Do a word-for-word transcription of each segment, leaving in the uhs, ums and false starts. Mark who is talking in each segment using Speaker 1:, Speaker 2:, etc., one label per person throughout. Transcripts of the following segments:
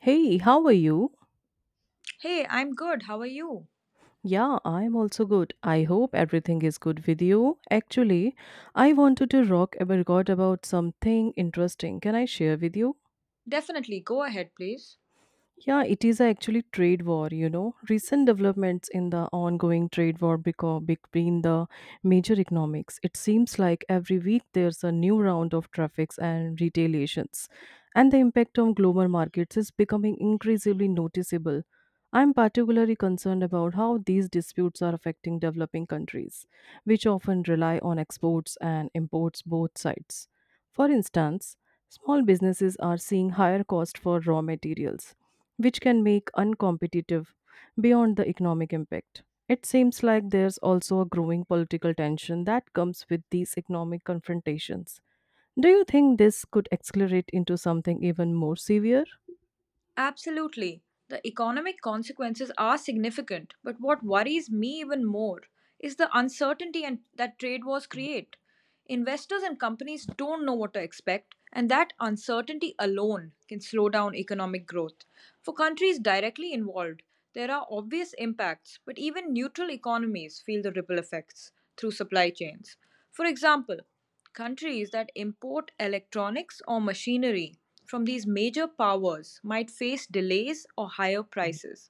Speaker 1: Hey, how are you?
Speaker 2: Hey, I'm good. How are you?
Speaker 1: Yeah, I'm also good. I hope everything is good with you. Actually, I wanted to rock a record about something interesting. Can I share with you?
Speaker 2: Definitely. Go ahead, please.
Speaker 1: Yeah, it is actually trade war, you know. Recent developments in the ongoing trade war beco- between the major economics. It seems like every week there's a new round of traffics and retaliations, and the impact on global markets is becoming increasingly noticeable. I'm particularly concerned about how these disputes are affecting developing countries, which often rely on exports and imports both sides. For instance, small businesses are seeing higher cost for raw materials, which can make uncompetitive beyond the economic impact. It seems like there's also a growing political tension that comes with these economic confrontations. Do you think this could accelerate into something even more severe?
Speaker 2: Absolutely. The economic consequences are significant, but what worries me even more is the uncertainty and that trade wars create. Investors and companies don't know what to expect, and that uncertainty alone can slow down economic growth. For countries directly involved, there are obvious impacts, but even neutral economies feel the ripple effects through supply chains. For example, countries that import electronics or machinery from these major powers might face delays or higher prices.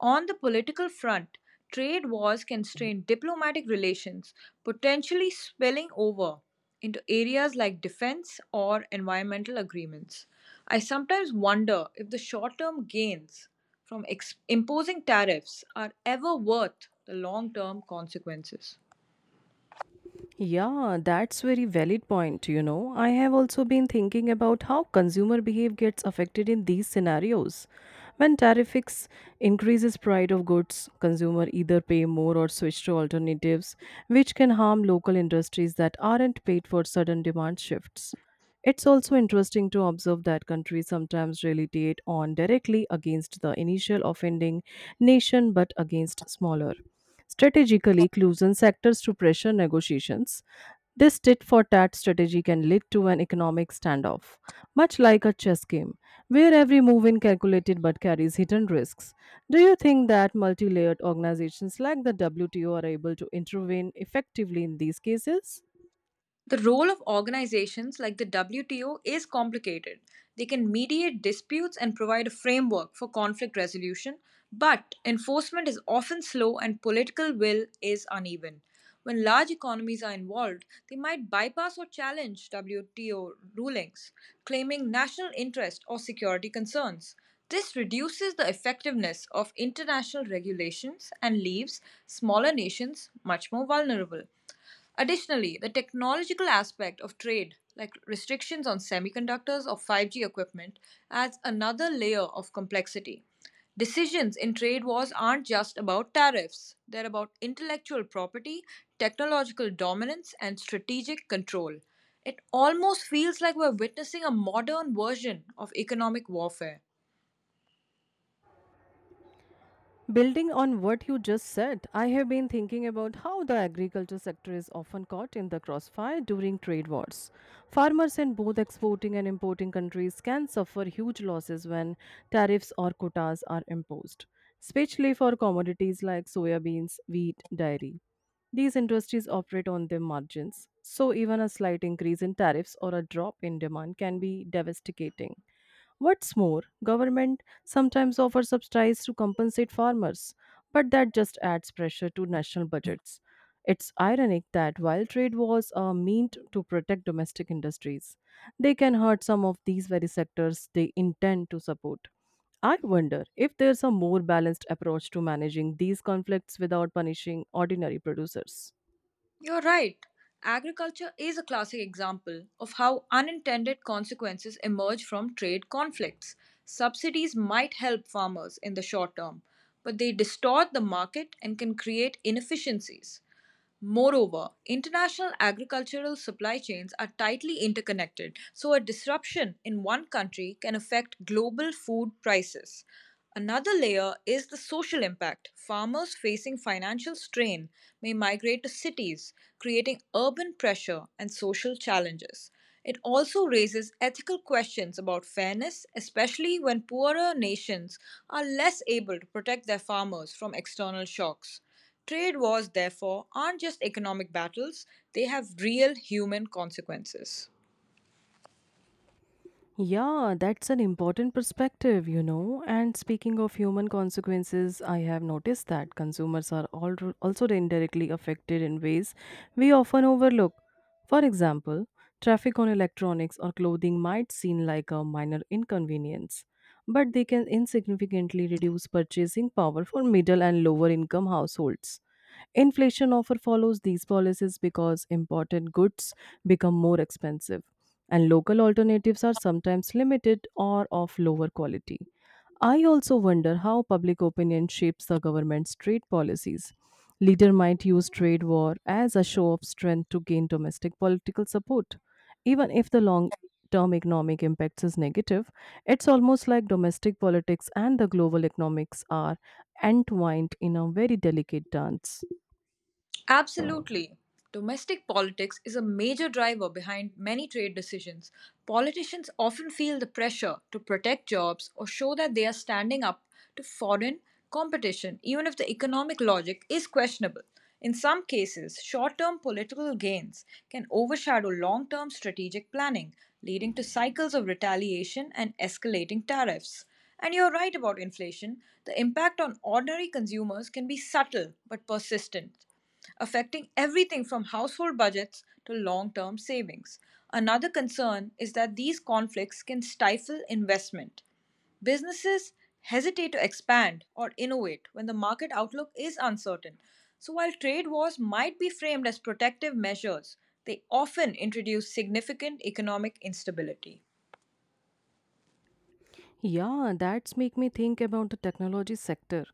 Speaker 2: On the political front, trade wars can strain diplomatic relations, potentially spilling over into areas like defense or environmental agreements. I sometimes wonder if the short term gains from ex- imposing tariffs are ever worth the long term consequences.
Speaker 1: Yeah, that's very valid point, you know. I have also been thinking about how consumer behavior gets affected in these scenarios. When tariffs increases price of goods, consumer either pay more or switch to alternatives, which can harm local industries that aren't paid for sudden demand shifts. It's also interesting to observe that countries sometimes retaliate on directly against the initial offending nation but against smaller strategically loosen sectors to pressure negotiations. This tit for tat strategy can lead to an economic standoff, much like a chess game, where every move is calculated but carries hidden risks. Do you think that multi layered organizations like the W T O are able to intervene effectively in these cases?
Speaker 2: The role of organizations like the W T O is complicated. They can mediate disputes and provide a framework for conflict resolution, but enforcement is often slow and political will is uneven. When large economies are involved, they might bypass or challenge W T O rulings, claiming national interest or security concerns. This reduces the effectiveness of international regulations and leaves smaller nations much more vulnerable. Additionally, the technological aspect of trade, like restrictions on semiconductors or five G equipment, adds another layer of complexity. Decisions in trade wars aren't just about tariffs, they're about intellectual property, technological dominance, and strategic control. It almost feels like we're witnessing a modern version of economic warfare.
Speaker 1: Building on what you just said, I have been thinking about how the agriculture sector is often caught in the crossfire during trade wars. Farmers in both exporting and importing countries can suffer huge losses when tariffs or quotas are imposed, especially for commodities like soya beans, wheat, dairy. These industries operate on their margins, so even a slight increase in tariffs or a drop in demand can be devastating. What's more, government sometimes offers subsidies to compensate farmers, but that just adds pressure to national budgets. It's ironic that while trade wars are meant to protect domestic industries, they can hurt some of these very sectors they intend to support. I wonder if there's a more balanced approach to managing these conflicts without punishing ordinary producers.
Speaker 2: You're right. Agriculture is a classic example of how unintended consequences emerge from trade conflicts. Subsidies might help farmers in the short term, but they distort the market and can create inefficiencies. Moreover, international agricultural supply chains are tightly interconnected, so a disruption in one country can affect global food prices. Another layer is the social impact. Farmers facing financial strain may migrate to cities, creating urban pressure and social challenges. It also raises ethical questions about fairness, especially when poorer nations are less able to protect their farmers from external shocks. Trade wars, therefore, aren't just economic battles, they have real human consequences.
Speaker 1: Yeah, that's an important perspective, you know. And speaking of human consequences, I have noticed that consumers are al- also indirectly affected in ways we often overlook. For example, traffic on electronics or clothing might seem like a minor inconvenience, but they can insignificantly reduce purchasing power for middle and lower income households. Inflation often follows these policies because imported goods become more expensive and local alternatives are sometimes limited or of lower quality. I also wonder how public opinion shapes the government's trade policies. Leader might use trade war as a show of strength to gain domestic political support. Even if the long term economic impacts is negative, it's almost like domestic politics and the global economics are entwined in a very delicate dance.
Speaker 2: Absolutely. Domestic politics is a major driver behind many trade decisions. Politicians often feel the pressure to protect jobs or show that they are standing up to foreign competition, even if the economic logic is questionable. In some cases, short term political gains can overshadow long term strategic planning, leading to cycles of retaliation and escalating tariffs. And you're right about inflation. The impact on ordinary consumers can be subtle but persistent, affecting everything from household budgets to long term savings. Another concern is that these conflicts can stifle investment. Businesses hesitate to expand or innovate when the market outlook is uncertain. So, while trade wars might be framed as protective measures, they often introduce significant economic instability.
Speaker 1: Yeah, that's make me think about the technology sector.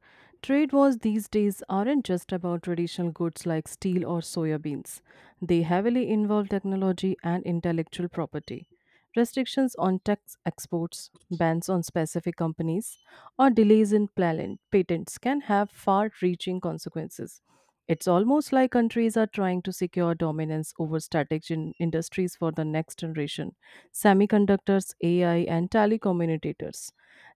Speaker 1: Trade wars these days aren't just about traditional goods like steel or soya beans. They heavily involve technology and intellectual property. Restrictions on tech exports, bans on specific companies, or delays in plan- patents can have far-reaching consequences. It's almost like countries are trying to secure dominance over strategic in- industries for the next generation semiconductors, A I, and telecommunicators.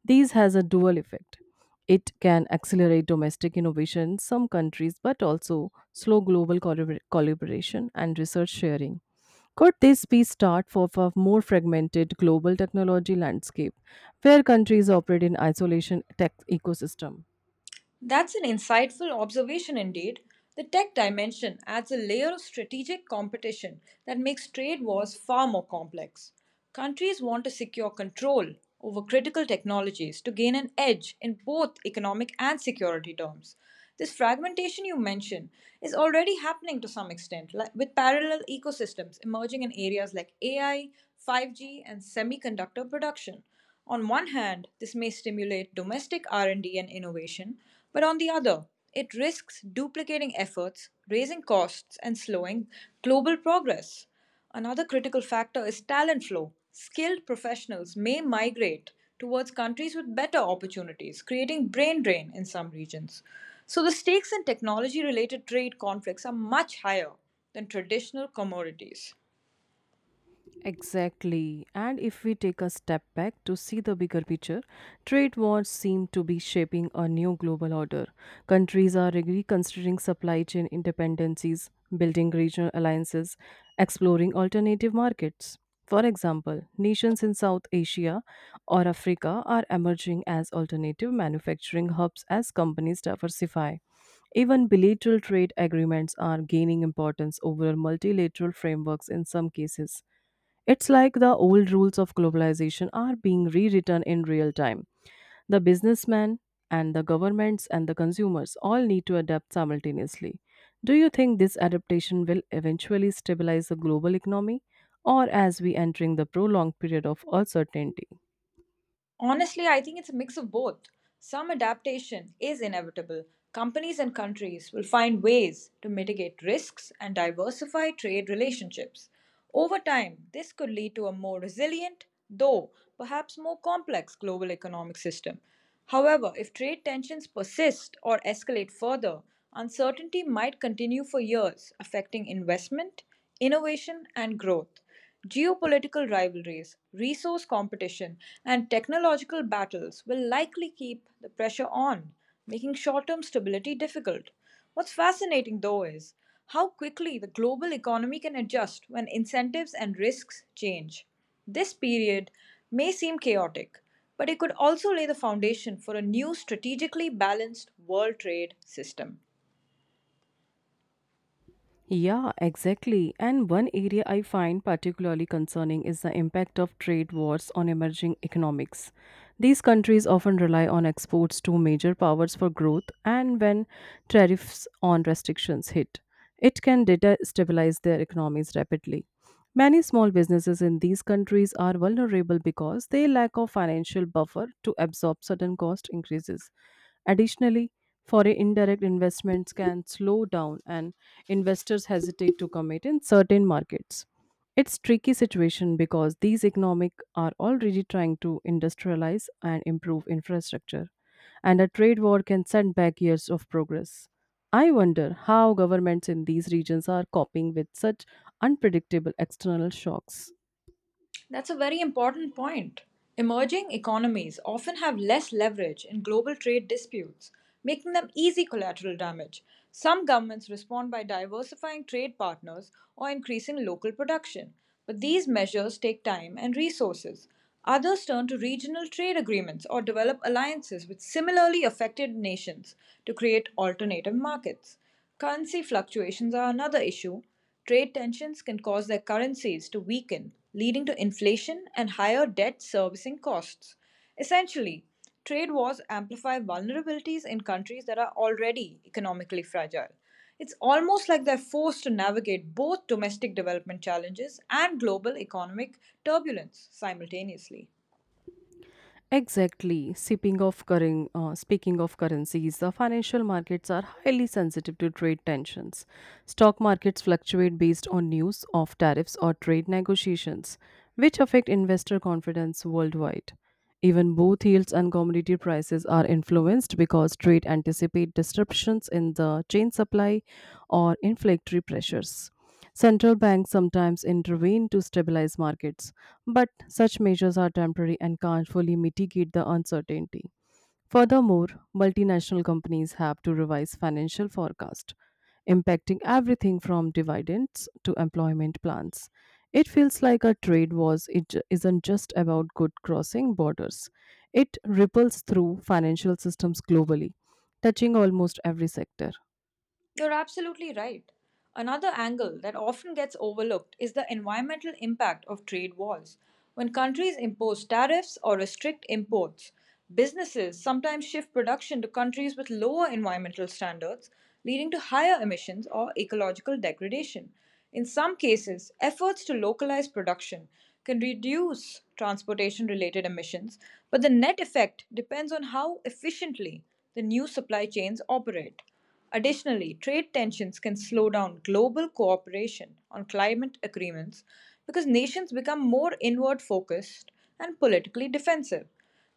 Speaker 1: These has a dual effect. It can accelerate domestic innovation in some countries, but also slow global collabor- collaboration and research sharing. Could this be start for a more fragmented global technology landscape where countries operate in isolation tech ecosystem?
Speaker 2: That's an insightful observation indeed. The tech dimension adds a layer of strategic competition that makes trade wars far more complex. Countries want to secure control over critical technologies to gain an edge in both economic and security terms. This fragmentation you mention is already happening to some extent, like with parallel ecosystems emerging in areas like A I, five G, and semiconductor production. On one hand, this may stimulate domestic R and D and D and innovation, but on the other, it risks duplicating efforts, raising costs, and slowing global progress. Another critical factor is talent flow. Skilled professionals may migrate towards countries with better opportunities, creating brain drain in some regions. So the stakes in technology related trade conflicts are much higher than traditional commodities.
Speaker 1: Exactly. And if we take a step back to see the bigger picture, trade wars seem to be shaping a new global order. Countries are reconsidering supply chain independencies, building regional alliances, exploring alternative markets. For example, nations in South Asia or Africa are emerging as alternative manufacturing hubs as companies diversify. Even bilateral trade agreements are gaining importance over multilateral frameworks in some cases. It's like the old rules of globalization are being rewritten in real time. The businessman and the governments and the consumers all need to adapt simultaneously. Do you think this adaptation will eventually stabilize the global economy or as we entering the prolonged period of uncertainty?
Speaker 2: Honestly, I think it's a mix of both. Some adaptation is inevitable. Companies and countries will find ways to mitigate risks and diversify trade relationships. Over time, this could lead to a more resilient, though perhaps more complex global economic system. However, if trade tensions persist or escalate further, uncertainty might continue for years, affecting investment, innovation, and growth. Geopolitical rivalries, resource competition, and technological battles will likely keep the pressure on, making short term stability difficult. What's fascinating, though, is how quickly the global economy can adjust when incentives and risks change. This period may seem chaotic, but it could also lay the foundation for a new, strategically balanced world trade system.
Speaker 1: Yeah, exactly. And one area I find particularly concerning is the impact of trade wars on emerging economics. These countries often rely on exports to major powers for growth, and when tariffs on restrictions hit, it can destabilize their economies rapidly. Many small businesses in these countries are vulnerable because they lack of financial buffer to absorb sudden cost increases. Additionally, foreign indirect investments can slow down and investors hesitate to commit in certain markets. It's tricky situation because these economic are already trying to industrialize and improve infrastructure and a trade war can send back years of progress. I wonder how governments in these regions are coping with such unpredictable external shocks.
Speaker 2: That's a very important point. Emerging economies often have less leverage in global trade disputes, making them easy collateral damage. Some governments respond by diversifying trade partners or increasing local production, but these measures take time and resources. Others turn to regional trade agreements or develop alliances with similarly affected nations to create alternative markets. Currency fluctuations are another issue. Trade tensions can cause their currencies to weaken, leading to inflation and higher debt servicing costs. Essentially, trade wars amplify vulnerabilities in countries that are already economically fragile. It's almost like they're forced to navigate both domestic development challenges and global economic turbulence simultaneously.
Speaker 1: Exactly. Speaking of, curren- uh, speaking of currencies, the financial markets are highly sensitive to trade tensions. Stock markets fluctuate based on news of tariffs or trade negotiations, which affect investor confidence worldwide. Even both yields and commodity prices are influenced because trade anticipate disruptions in the chain supply or inflationary pressures. Central banks sometimes intervene to stabilize markets, but such measures are temporary and can't fully mitigate the uncertainty. Furthermore, multinational companies have to revise financial forecast, impacting everything from dividends to employment plans. It feels like a trade wars it ju- isn't just about good crossing borders. It ripples through financial systems globally, touching almost every sector.
Speaker 2: You're absolutely right. Another angle that often gets overlooked is the environmental impact of trade wars. When countries impose tariffs or restrict imports, businesses sometimes shift production to countries with lower environmental standards, leading to higher emissions or ecological degradation. In some cases, efforts to localize production can reduce transportation related emissions, but the net effect depends on how efficiently the new supply chains operate. Additionally, trade tensions can slow down global cooperation on climate agreements because nations become more inward focused and politically defensive.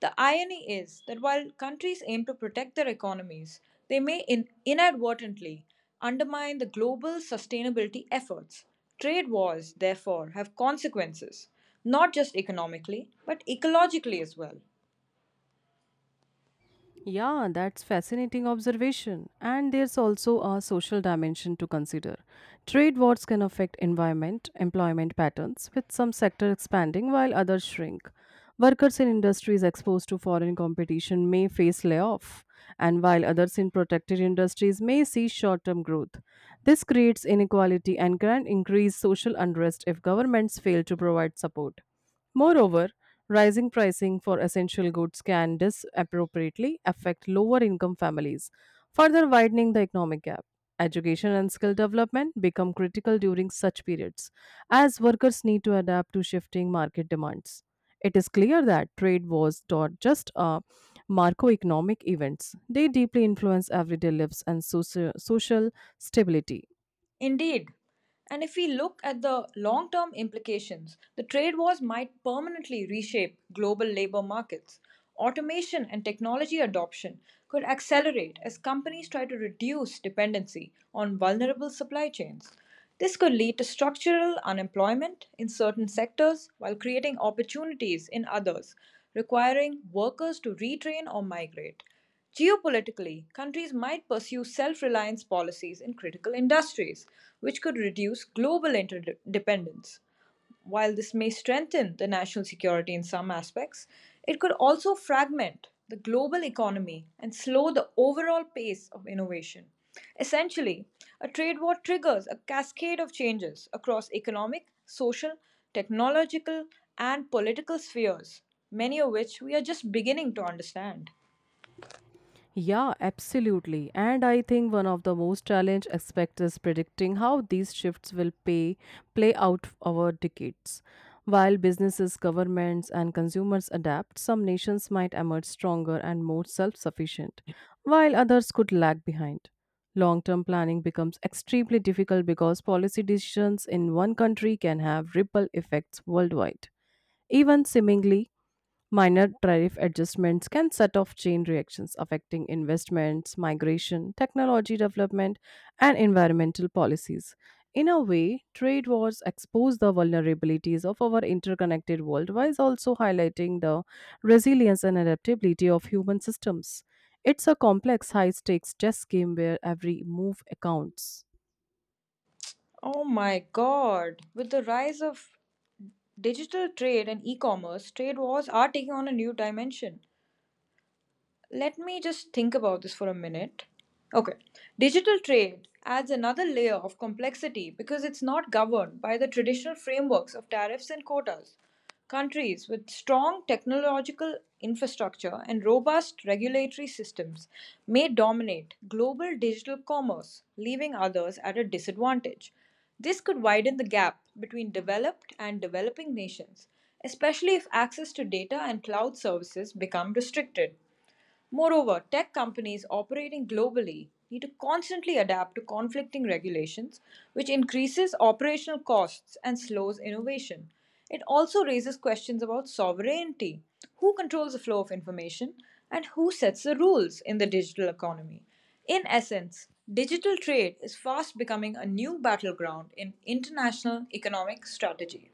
Speaker 2: The irony is that while countries aim to protect their economies, they may in- inadvertently undermine the global sustainability efforts. Trade wars, therefore, have consequences, not just economically, but ecologically as well.
Speaker 1: Yeah, that's fascinating observation. And there's also a social dimension to consider. Trade wars can affect environment, employment patterns, with some sectors expanding while others shrink. Workers in industries exposed to foreign competition may face layoff, and while others in protected industries may see short-term growth. This creates inequality and can increase social unrest if governments fail to provide support. Moreover, rising pricing for essential goods can disappropriately affect lower income families, further widening the economic gap. Education and skill development become critical during such periods, as workers need to adapt to shifting market demands. It is clear that trade wars not just uh, macroeconomic events, they deeply influence everyday lives and socio- social stability.
Speaker 2: Indeed. And if we look at the long term implications, the trade wars might permanently reshape global labor markets. Automation and technology adoption could accelerate as companies try to reduce dependency on vulnerable supply chains. This could lead to structural unemployment in certain sectors while creating opportunities in others, requiring workers to retrain or migrate. Geopolitically, countries might pursue self reliance policies in critical industries, which could reduce global interdependence. While this may strengthen the national security in some aspects, it could also fragment the global economy and slow the overall pace of innovation. Essentially, a trade war triggers a cascade of changes across economic, social, technological, and political spheres, many of which we are just beginning to understand.
Speaker 1: Yeah, absolutely. And I think one of the most challenge aspects is predicting how these shifts will pay play out over decades. While businesses, governments, and consumers adapt, some nations might emerge stronger and more self-sufficient, while others could lag behind. Long-term planning becomes extremely difficult because policy decisions in one country can have ripple effects worldwide, even seemingly minor tariff adjustments can set off chain reactions affecting investments, migration, technology development, and environmental policies. In a way, trade wars expose the vulnerabilities of our interconnected world while also highlighting the resilience and adaptability of human systems. It's a complex, high stakes chess game where every move accounts.
Speaker 2: Oh my god, with the rise of digital trade and e commerce, trade wars are taking on a new dimension. Let me just think about this for a minute. Okay, digital trade adds another layer of complexity because it's not governed by the traditional frameworks of tariffs and quotas. Countries with strong technological infrastructure and robust regulatory systems may dominate global digital commerce, leaving others at a disadvantage. This could widen the gap between developed and developing nations, especially if access to data and cloud services become restricted. Moreover, tech companies operating globally need to constantly adapt to conflicting regulations, which increases operational costs and slows innovation. It also raises questions about sovereignty: who controls the flow of information, and who sets the rules in the digital economy. In essence, digital trade is fast becoming a new battleground in international economic strategy.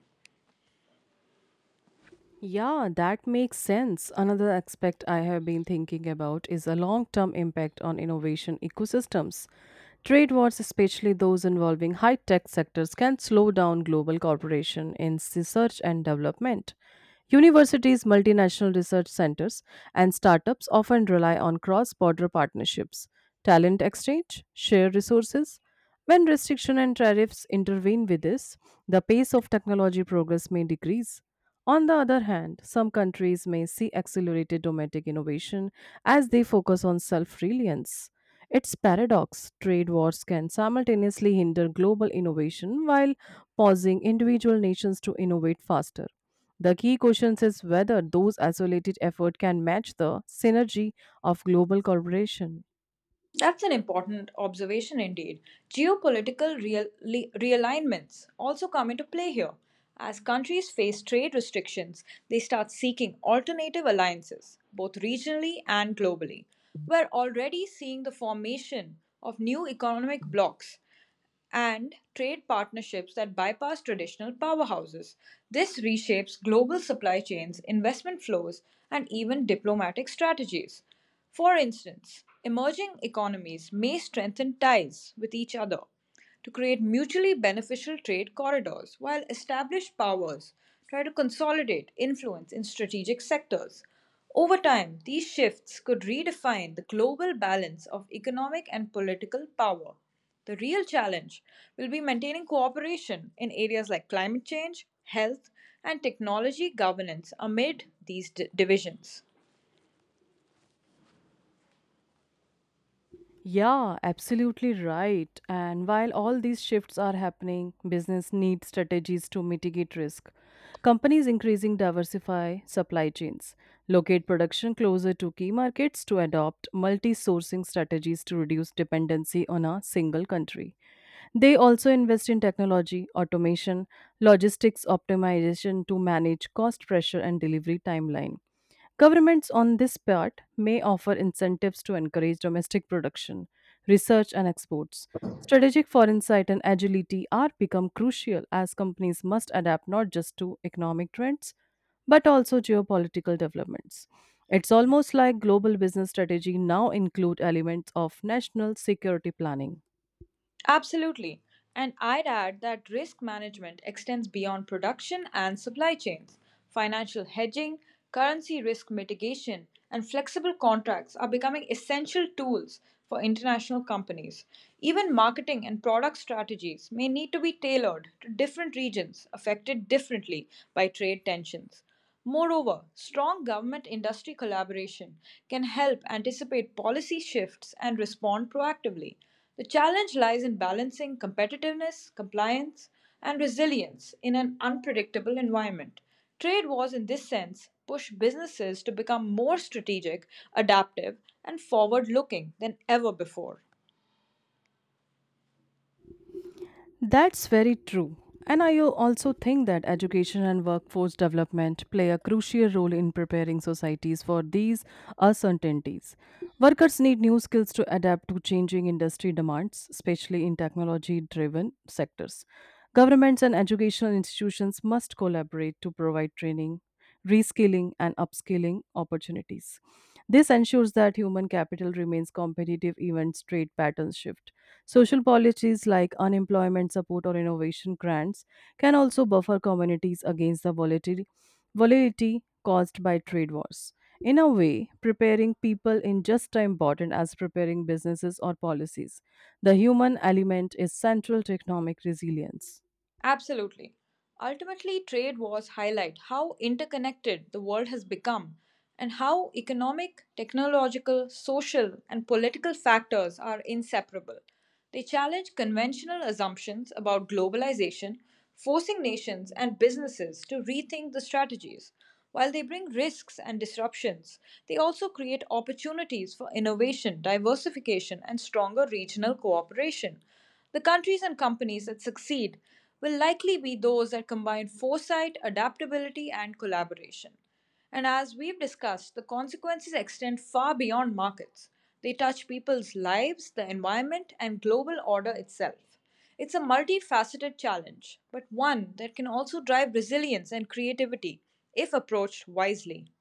Speaker 1: Yeah, that makes sense. Another aspect I have been thinking about is a long-term impact on innovation ecosystems. Trade wars, especially those involving high-tech sectors, can slow down global cooperation in research and development. Universities, multinational research centers, and startups often rely on cross-border partnerships, talent exchange, share resources. When restriction and tariffs intervene with this, the pace of technology progress may decrease. On the other hand, some countries may see accelerated domestic innovation as they focus on self reliance. It's paradox trade wars can simultaneously hinder global innovation while pausing individual nations to innovate faster. The key question is whether those isolated efforts can match the synergy of global cooperation.
Speaker 2: That's an important observation indeed. Geopolitical real- li- realignments also come into play here. As countries face trade restrictions, they start seeking alternative alliances, both regionally and globally. We're already seeing the formation of new economic blocs and trade partnerships that bypass traditional powerhouses. This reshapes global supply chains, investment flows, and even diplomatic strategies. For instance, emerging economies may strengthen ties with each other to create mutually beneficial trade corridors, while established powers try to consolidate influence in strategic sectors. Over time, these shifts could redefine the global balance of economic and political power. The real challenge will be maintaining cooperation in areas like climate change, health, and technology governance amid these d- divisions.
Speaker 1: Yeah, absolutely right. And while all these shifts are happening, business need strategies to mitigate risk. Companies increasing diversify supply chains, locate production closer to key markets to adopt multi-sourcing strategies to reduce dependency on a single country. They also invest in technology, automation, logistics optimization to manage cost pressure and delivery timeline. Governments on this part may offer incentives to encourage domestic production, research, and exports. Strategic foreign sight and agility are become crucial as companies must adapt not just to economic trends but also geopolitical developments. It's almost like global business strategy now include elements of national security planning.
Speaker 2: Absolutely. And I'd add that risk management extends beyond production and supply chains. Financial hedging, currency risk mitigation, and flexible contracts are becoming essential tools for international companies. Even marketing and product strategies may need to be tailored to different regions affected differently by trade tensions. Moreover, strong government-industry collaboration can help anticipate policy shifts and respond proactively. The challenge lies in balancing competitiveness, compliance, and resilience in an unpredictable environment. Trade wars, in this sense, push businesses to become more strategic, adaptive, and forward looking than ever before.
Speaker 1: That's very true. And I also think that education and workforce development play a crucial role in preparing societies for these uncertainties. Workers need new skills to adapt to changing industry demands, especially in technology driven sectors. Governments and educational institutions must collaborate to provide training, reskilling, and upskilling opportunities. This ensures that human capital remains competitive even trade patterns shift. Social policies like unemployment support or innovation grants can also buffer communities against the volatility, volatility caused by trade wars. In a way, preparing people in just as important as preparing businesses or policies. The human element is central to economic resilience.
Speaker 2: Absolutely. Ultimately, trade wars highlight how interconnected the world has become and how economic, technological, social, and political factors are inseparable. They challenge conventional assumptions about globalization, forcing nations and businesses to rethink the strategies. While they bring risks and disruptions, they also create opportunities for innovation, diversification, and stronger regional cooperation. The countries and companies that succeed will likely be those that combine foresight, adaptability, and collaboration. And as we've discussed, the consequences extend far beyond markets. They touch people's lives, the environment, and global order itself. It's a multifaceted challenge, but one that can also drive resilience and creativity if approached wisely.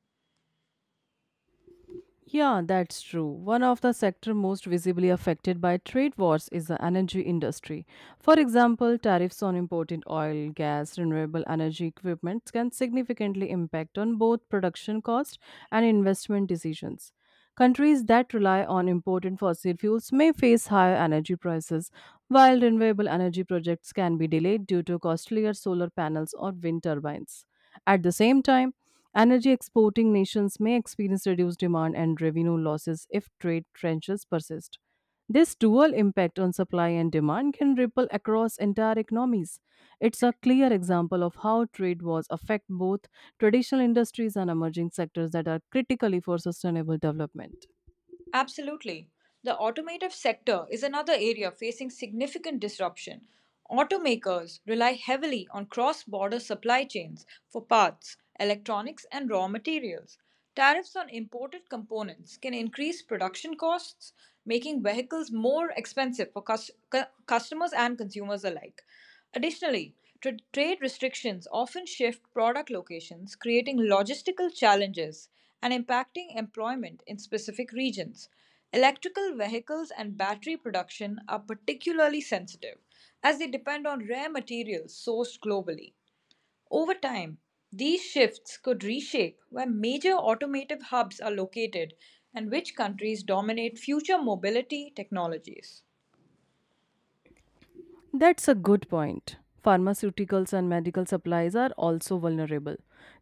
Speaker 1: Yeah, that's true. One of the sector most visibly affected by trade wars is the energy industry. For example, tariffs on imported oil, gas, renewable energy equipment can significantly impact on both production cost and investment decisions. Countries that rely on imported fossil fuels may face higher energy prices, while renewable energy projects can be delayed due to costlier solar panels or wind turbines. At the same time, energy exporting nations may experience reduced demand and revenue losses if trade trenches persist. This dual impact on supply and demand can ripple across entire economies. It's a clear example of how trade wars affect both traditional industries and emerging sectors that are critically for sustainable development.
Speaker 2: Absolutely. The automotive sector is another area facing significant disruption. Automakers rely heavily on cross border supply chains for parts, electronics, and raw materials. Tariffs on imported components can increase production costs, making vehicles more expensive for cus- cu- customers and consumers alike. Additionally, tra- trade restrictions often shift product locations, creating logistical challenges and impacting employment in specific regions. Electrical vehicles and battery production are particularly sensitive as they depend on rare materials sourced globally. Over time, these shifts could reshape where major automotive hubs are located and which countries dominate future mobility technologies.
Speaker 1: That's a good point. Pharmaceuticals and medical supplies are also vulnerable.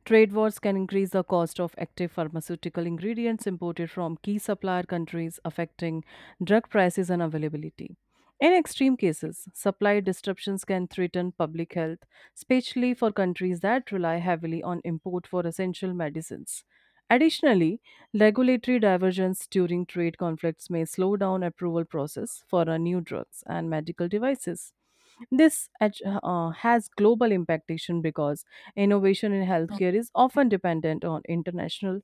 Speaker 1: Trade wars can increase the cost of active pharmaceutical ingredients imported from key supplier countries, affecting drug prices and availability. In extreme cases, supply disruptions can threaten public health, especially for countries that rely heavily on import for essential medicines. Additionally, regulatory divergence during trade conflicts may slow down approval process for uh, new drugs and medical devices. This ach- uh, has global implication because innovation in healthcare is often dependent on international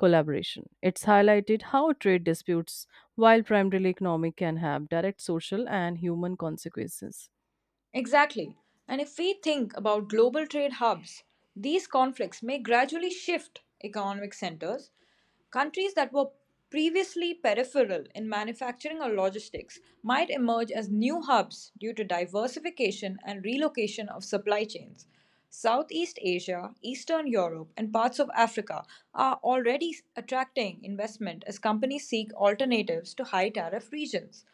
Speaker 1: collaboration. It's highlighted how trade disputes, while primarily economic, can have direct social and human consequences.
Speaker 2: Exactly. And if we think about global trade hubs, these conflicts may gradually shift economic centers. Countries that were previously peripheral in manufacturing or logistics might emerge as new hubs due to diversification and relocation of supply chains. Southeast Asia, Eastern Europe, and parts of Africa are already attracting investment as companies seek alternatives to high tariff regions.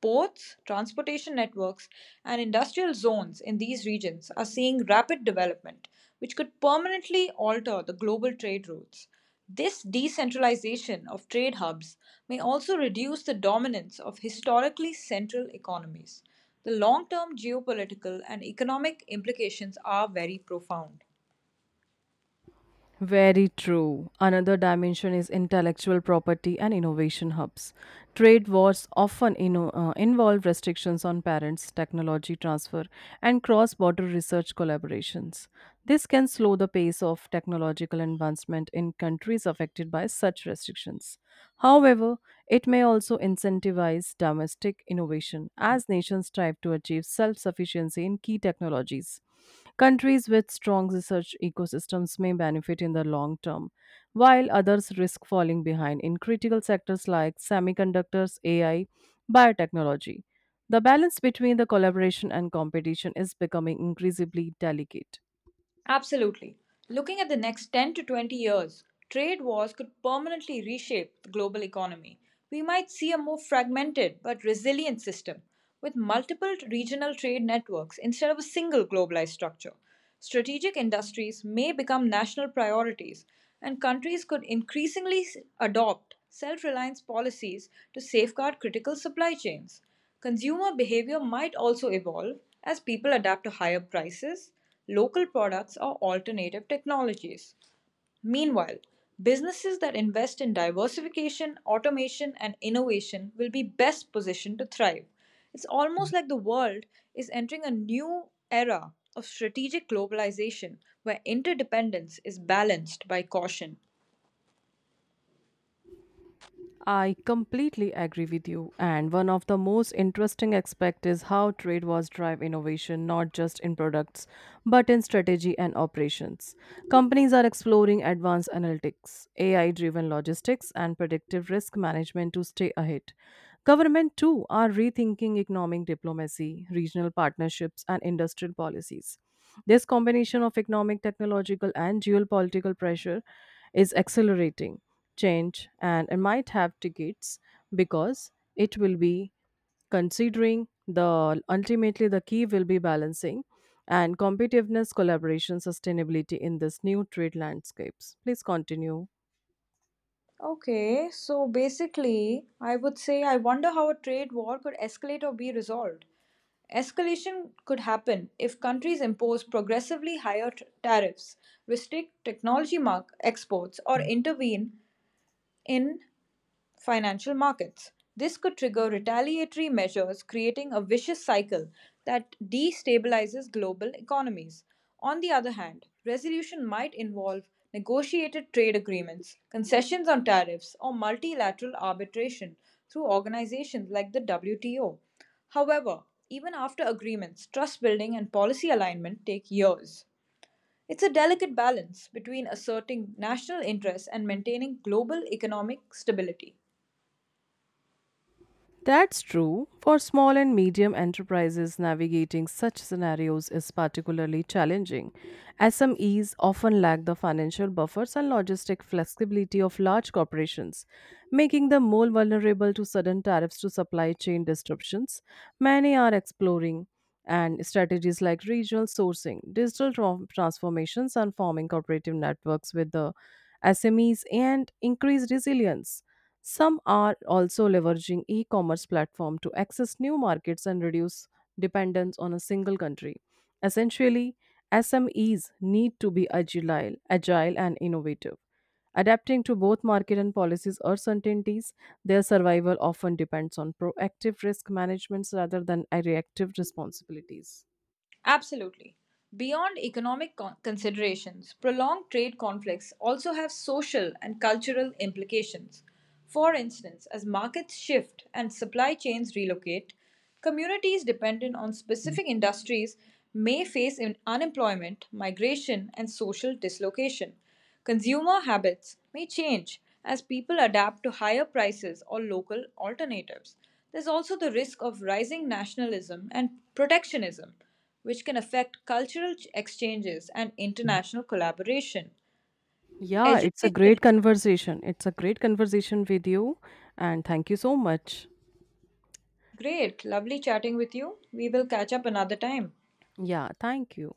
Speaker 2: Ports, transportation networks, and industrial zones in these regions are seeing rapid development, which could permanently alter the global trade routes. This decentralization of trade hubs may also reduce the dominance of historically central economies. The long term geopolitical and economic implications are very profound.
Speaker 1: Very true. Another dimension is intellectual property and innovation hubs. Trade wars often inno- uh, involve restrictions on patents, technology transfer, and cross border research collaborations. This can slow the pace of technological advancement in countries affected by such restrictions. However, it may also incentivize domestic innovation as nations strive to achieve self sufficiency in key technologies. Countries with strong research ecosystems may benefit in the long term, while others risk falling behind in critical sectors like semiconductors, A I, biotechnology. The balance between the collaboration and competition is becoming increasingly delicate.
Speaker 2: Absolutely. Looking at the next ten to twenty years, trade wars could permanently reshape the global economy. We might see a more fragmented but resilient system with multiple regional trade networks instead of a single globalized structure. Strategic industries may become national priorities, and countries could increasingly s- adopt self reliance policies to safeguard critical supply chains. Consumer behavior might also evolve as people adapt to higher prices, local products, or alternative technologies. Meanwhile, businesses that invest in diversification, automation, and innovation will be best positioned to thrive. It's almost like the world is entering a new era of strategic globalization where interdependence is balanced by caution.
Speaker 1: I completely agree with you. And one of the most interesting aspects is how trade wars drive innovation not just in products but in strategy and operations. Companies are exploring advanced analytics, A I driven logistics, and predictive risk management to stay ahead. Government too are rethinking economic diplomacy, regional partnerships, and industrial policies. This combination of economic, technological, and geopolitical pressure is accelerating change and I might have tickets because it will be considering the ultimately the key will be balancing and competitiveness collaboration sustainability in this new trade landscapes please continue.
Speaker 2: Okay, so basically, I would say I wonder how a trade war could escalate or be resolved. Escalation could happen if countries impose progressively higher t- tariffs, restrict technology mark exports, or intervene in financial markets. This could trigger retaliatory measures, creating a vicious cycle that destabilizes global economies. On the other hand, resolution might involve negotiated trade agreements, concessions on tariffs, or multilateral arbitration through organizations like the W T O. However, even after agreements, trust building and policy alignment take years. It's a delicate balance between asserting national interests and maintaining global economic stability.
Speaker 1: That's true. For small and medium enterprises, navigating such scenarios is particularly challenging, as some S M Es often lack the financial buffers and logistic flexibility of large corporations, making them more vulnerable to sudden tariffs to supply chain disruptions. Many are exploring and strategies like regional sourcing, digital tran- transformations, and forming cooperative networks with the S M Es and increased resilience. Some are also leveraging e commerce platform to access new markets and reduce dependence on a single country. Essentially, S M Es need to be agile, agile and innovative. Adapting to both market and policies uncertainties. Their survival often depends on proactive risk management rather than a reactive responsibilities.
Speaker 2: Absolutely. Beyond economic con- considerations, prolonged trade conflicts also have social and cultural implications. For instance, as markets shift and supply chains relocate, communities dependent on specific industries may face in- unemployment, migration, and social dislocation. Consumer habits may change as people adapt to higher prices or local alternatives. There's also the risk of rising nationalism and protectionism, which can affect cultural ch- exchanges and international collaboration.
Speaker 1: Yeah, it's a
Speaker 2: Education,
Speaker 1: great conversation. It's a great conversation with you, and thank you so much.
Speaker 2: great, lovely chatting with you. We will catch up another time.
Speaker 1: Yeah, thank you.